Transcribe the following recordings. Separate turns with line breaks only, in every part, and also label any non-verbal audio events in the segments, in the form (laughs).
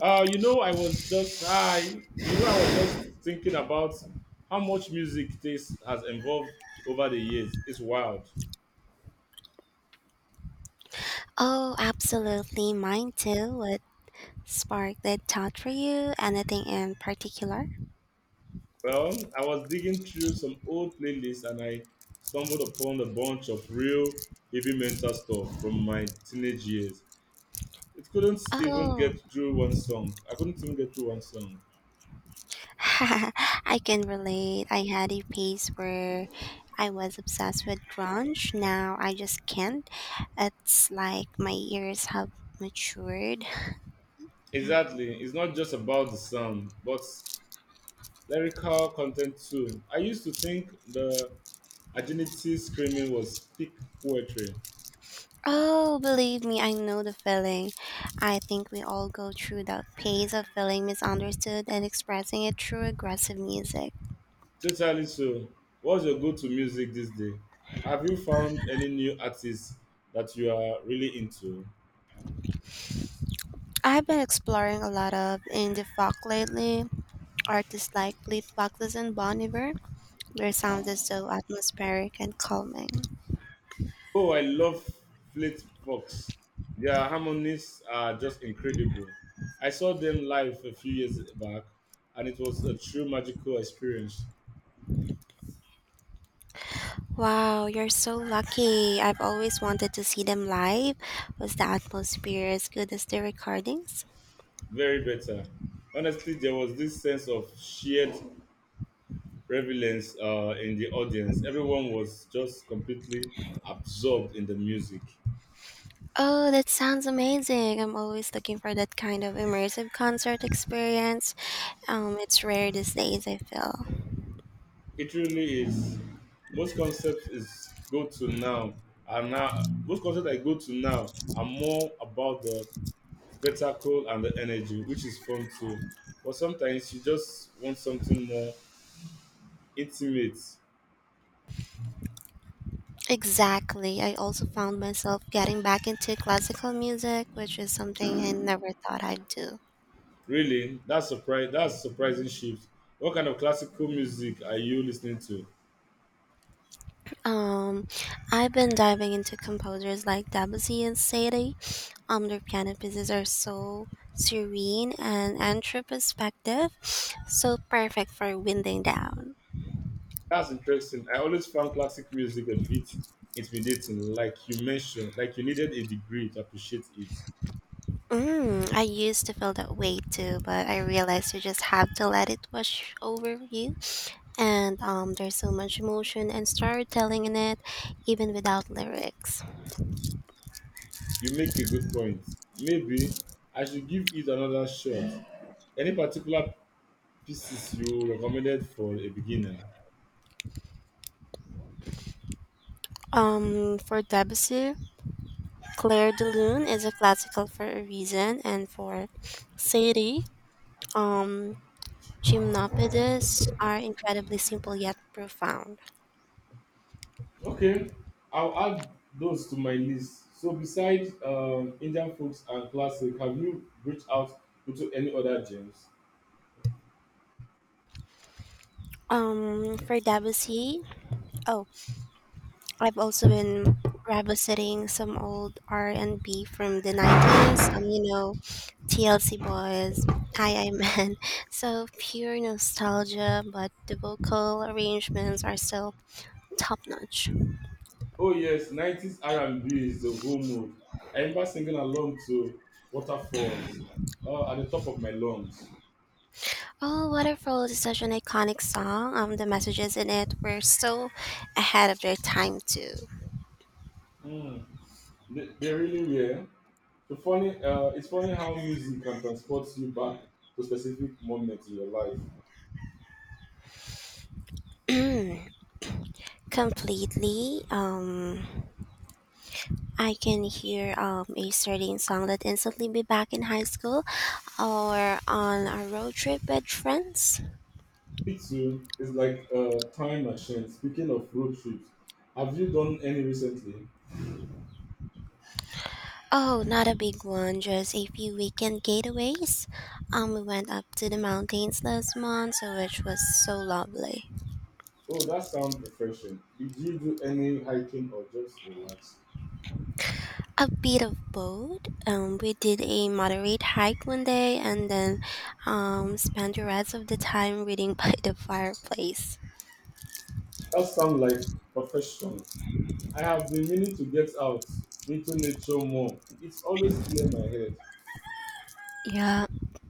You know, I was just I, you know, I was just thinking about how much music taste has evolved over the years. It's wild.
Oh, absolutely. Mine too. What sparked that thought for you? Anything in particular?
Well, I was digging through some old playlists and I stumbled upon a bunch of real heavy metal stuff from my teenage years. It couldn't even
Oh,
get through one song. I couldn't even get through one song.
(laughs) I can relate. I had a phase where I was obsessed with grunge. Now I just can't. It's like my ears have matured. (sighs) Mm.
Exactly. It's not just about the sound, but lyrical content too. I used to think the Agility screaming was peak poetry.
Oh, believe me, I know the feeling. I think we all go through that phase of feeling misunderstood and expressing it through aggressive music.
Totally so. What's your go to music these days? Have you found any new artists that you are really into?
I've been exploring a lot of indie folk lately. Artists like Fleet Foxes and Bon Iver. Their sound is so atmospheric and calming.
Oh, I love Fleet Fox. Their harmonies are just incredible. I saw them live a few years back and it was a true magical experience.
Wow, you're so lucky. I've always wanted to see them live. Was the atmosphere as good as the recordings?
Very better. Honestly, there was this sense of shared relevance in the audience. Everyone was just completely absorbed in the music.
Oh, that sounds amazing. I'm always looking for that kind of immersive concert experience. It's rare these days, I feel.
It really is. Most concepts is go to now Most concepts I go to now are more about the spectacle and the energy, which is fun too. But sometimes you just want something more intimate.
Exactly. I also found myself getting back into classical music, which is something I never thought I'd do.
Really, that's surprise. That's surprising shift. What kind of classical music are you listening to?
Um, I've been diving into composers like Debussy and Satie. Their piano pieces are so serene and introspective, so perfect for winding down.
That's interesting. I always found classic music a bit intimidating, like you mentioned, like you needed a degree to appreciate it.
Mm, I used to feel that way too, but I realized you just have to let it wash over you. And there's so much emotion and storytelling in it, even without lyrics.
You make a good point. Maybe I should give it another shot. Any particular pieces you recommended for a beginner?
For Debussy, Clair de Lune is a classical for a reason, and for Satie, um, Gymnopedes are incredibly simple yet profound.
Okay, I'll add those to my list. So, besides Indian folks and classic, have you reached out to any other genres?
Um, for Debussy, oh, I've also been revisiting some old R and B from the 90s. TLC Boys, I Men. (laughs) So pure nostalgia, but the vocal arrangements are still top notch.
Oh yes, nineties R&B is the whole mood. I remember singing along to Waterfalls at the top of my lungs.
Oh, Waterfall is such an iconic song. The messages in it were so ahead of their time too.
Mm, they really were. It's funny how music can transport you back to specific moments in your life.
Completely. I can hear a certain song that instantly be back in high school or on a road trip with friends.
Me too. It's like a time machine. Speaking of road trips, have you done any recently?
Oh, not a big one, just a few weekend getaways. We went up to the mountains last month, so which was so lovely.
Oh, that sounds refreshing. Did you do any hiking or just relax?
A bit of both. We did a moderate hike one day and then spent the rest of the time reading (laughs) by the fireplace.
That sounds like perfection. I have been meaning to get out into nature more. It's always clear my head.
Yeah,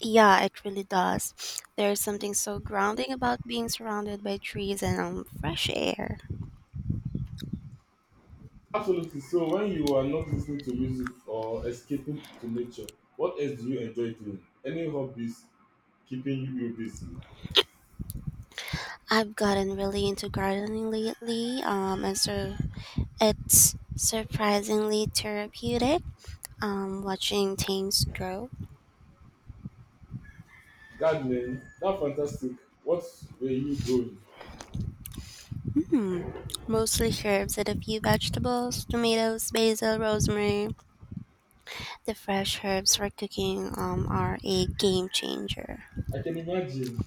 yeah, it really does. There's something so grounding about being surrounded by trees and fresh air.
Absolutely. So when you are not listening to music or escaping to nature, what else do you enjoy doing? Any hobbies keeping you busy?
I've gotten really into gardening lately, and so it's surprisingly therapeutic watching things grow.
Gardening, that's fantastic. What were you growing?
Hmm. Mostly herbs and a few vegetables, tomatoes, basil, rosemary. The fresh herbs for cooking are a game changer.
I can imagine.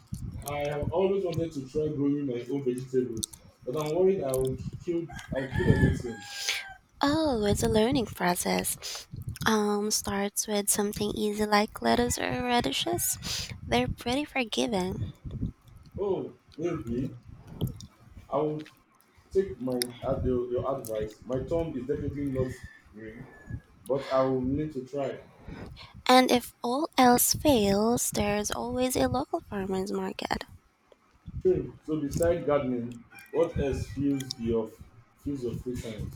I have always wanted to try growing my own vegetables, but I'm worried kill I will kill everything.
Oh, it's a learning process. Starts with something easy like lettuce or radishes. They're pretty forgiving.
Oh, maybe I would take my ad- your advice. My thumb is definitely not green, but I will need to try.
And if all else fails, there's always a local farmer's market.
Hmm. So beside gardening, what else fuels your free time?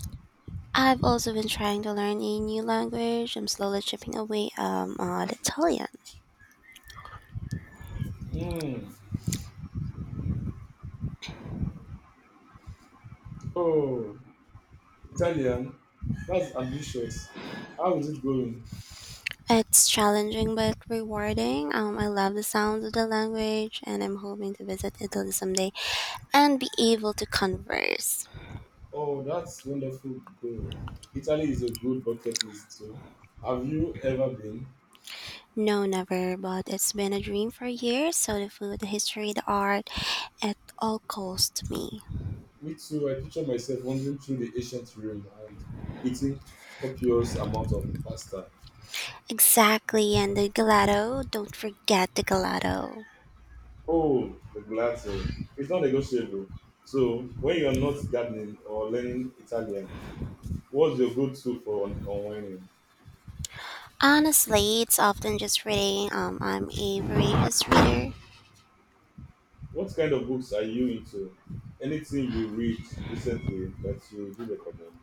I've also been trying to learn a new language. I'm slowly chipping away at Italian.
Hmm. Oh, Italian. That's ambitious. How is it going?
It's challenging but rewarding. I love the sound of the language, and I'm hoping to visit Italy someday and be able to converse.
Oh, that's wonderful goal. Italy is a good bucket list too. Have you ever been?
No, never, but it's been a dream for years. So the food, the history, the art, it all calls to me.
Me too. I picture myself wandering through the ancient Rome and eating copious amount of pasta.
Exactly, and the gelato. Don't forget the gelato.
Oh, the gelato. It's not negotiable. So, when you're not gardening or learning Italian, what's your go-to for unwinding?
Honestly, it's often just reading. I'm a voracious reader.
What kind of books are you into? Anything you read recently that you do recommend?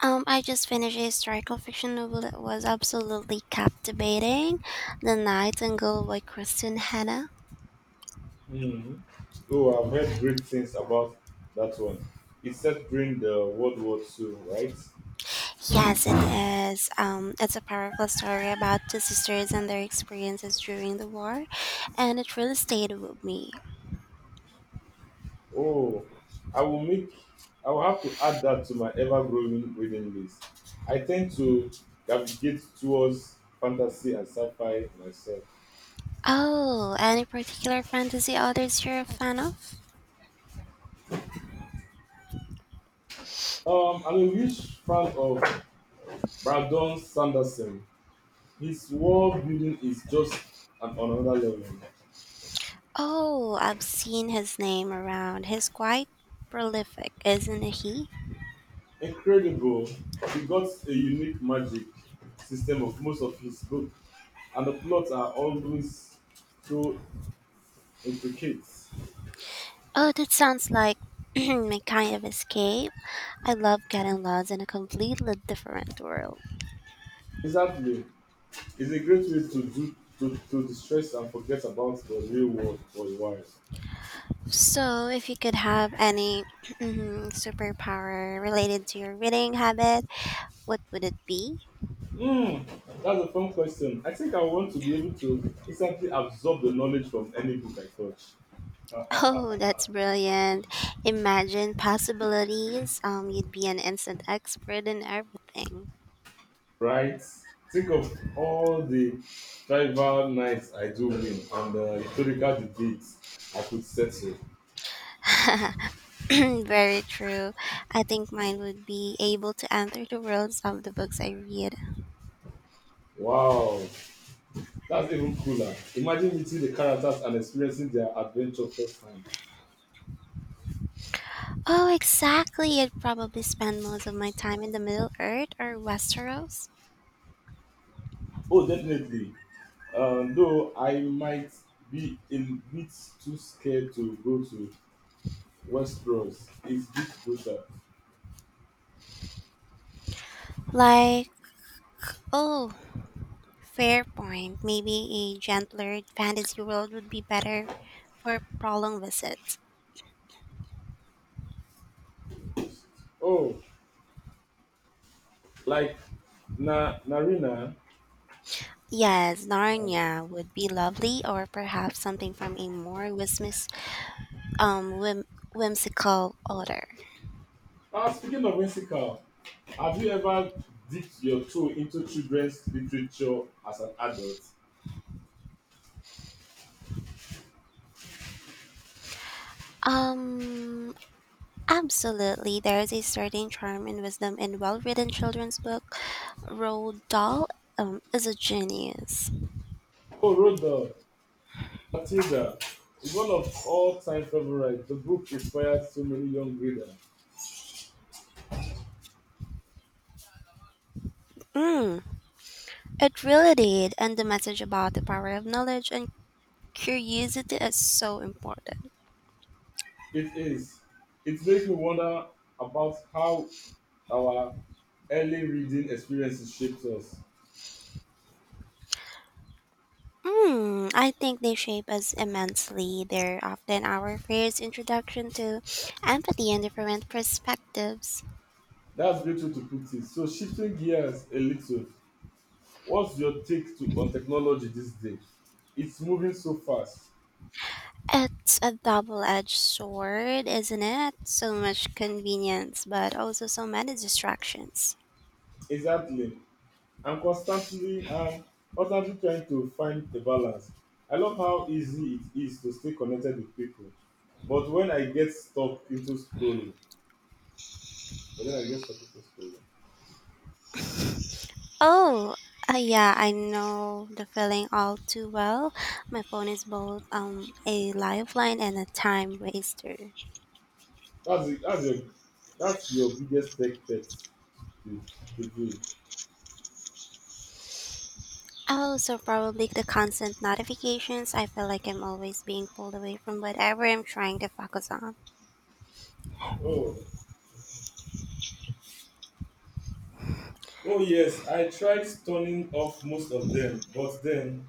I just finished a historical fiction novel that was absolutely captivating, *The Nightingale* by Kristen Hanna.
Hmm. Oh, I've heard great things about that one. It's set during the World War II, right?
Yes, it is. It's a powerful story about two sisters and their experiences during the war, and it really stayed with me.
Oh, I will make I will have to add that to my ever-growing reading list. I tend to navigate towards fantasy and sci-fi myself.
Oh, any particular fantasy authors you're a fan of?
I'm a huge fan of Brandon Sanderson. His world building is just on another level.
Oh, I've seen his name around. He's quite prolific, isn't he?
Incredible. He got a unique magic system of most of his book, and the plots are always so intricate.
Oh, that sounds like (clears throat) my kind of escape. I love getting lost in a completely different world.
Exactly. It's a great way to distress and forget about the real world for a while.
So, if you could have any (clears throat) mhm, superpower related to your reading habit, what would it be? (laughs)
Mm, that's a fun question. I think I want to be able to instantly absorb the knowledge from any book I touch.
Oh, that's brilliant. Imagine possibilities. You'd be an instant expert in everything.
Right? Think of all the tribal nights I do win and the historical debates I could settle.
(laughs) Very true. I think mine would be able to enter the worlds of the books I read.
Wow, that's even cooler. Imagine meeting the characters and experiencing their adventure firsthand.
Oh, exactly. I'd probably spend most of my time in the Middle Earth or Westeros.
Oh, definitely. Though I might be a bit too scared to go to Westeros. It's a bit closer.
Like, oh, Fair point. Maybe a gentler fantasy world would be better for prolonged visits.
Oh, like Na Narina.
Yes,
Um,
Narnia would be lovely, or perhaps something from a more whimsy, um, whim- whimsical order.
Ah, speaking of whimsical, have you ever dipped your toe into children's literature as an adult?
Um, absolutely. There is a certain charm and wisdom in well-written children's book. Roald Dahl is a genius.
Oh, Rhoda, Matilda is one of all-time favorites. The book inspired so many young readers.
Mm, it really did, and the message about the power of knowledge and curiosity is so important.
It is. It makes me wonder about how our early reading experiences shaped us.
Hmm, I think they shape us immensely. They're often our first introduction to empathy and different perspectives.
That's a great way to put it. So, shifting gears a little, what's your take to, on technology these days? It's moving so fast.
It's a double edged sword, isn't it? So much convenience, but also so many distractions.
Exactly. I'm constantly, um, constantly trying to find a balance. I love how easy it is to stay connected with people, but when I get stuck into scrolling, but then I get stuck into scrolling.
Oh, yeah, I know the feeling all too well. My phone is both a lifeline and a time waster.
That's the, that's your that's your biggest tech pet peeve. Peeve.
Oh, so probably the constant notifications. I feel like I'm always being pulled away from whatever I'm trying to focus on.
Oh, oh yes, I tried turning off most of them,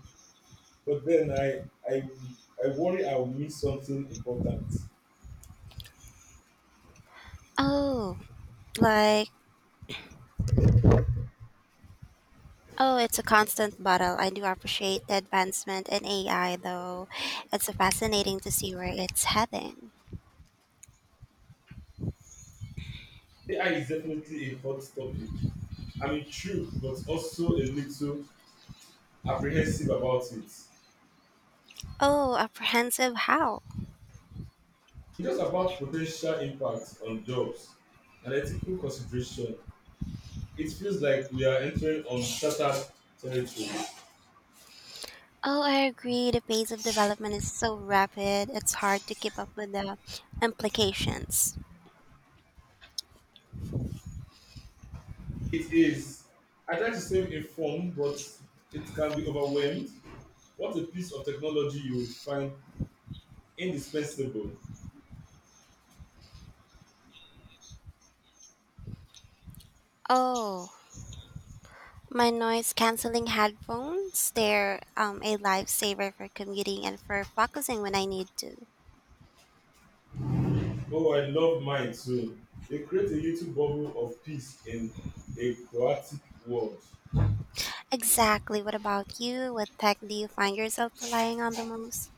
but then I, I worry I'll miss something important.
Oh, like, oh, it's a constant battle. I do appreciate the advancement in AI, though. It's fascinating to see where it's heading.
AI is definitely a hot topic. I'm intrigued, but also a little apprehensive about it. It's
Oh, apprehensive how?
just about potential impact on jobs and ethical consideration. It feels like we are entering uncharted territory.
Oh, I agree. The pace of development is so rapid, it's hard to keep up with the implications.
It is. I try to stay informed, but it can be overwhelmed. What a piece of technology you will find indispensable.
Oh, my noise canceling headphones, they're a lifesaver for commuting and for focusing when I need to.
Oh, I love mine too. They create a little bubble of peace in a chaotic world.
Exactly. What about you? What tech do you find yourself relying on the most?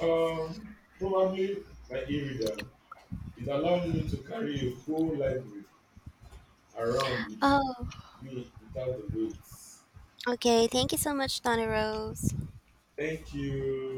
Probably my e reader. It allowed me to carry a whole library around with
Oh,
me without the weights.
okay. Thank you so much, Donna Rose.
Thank you.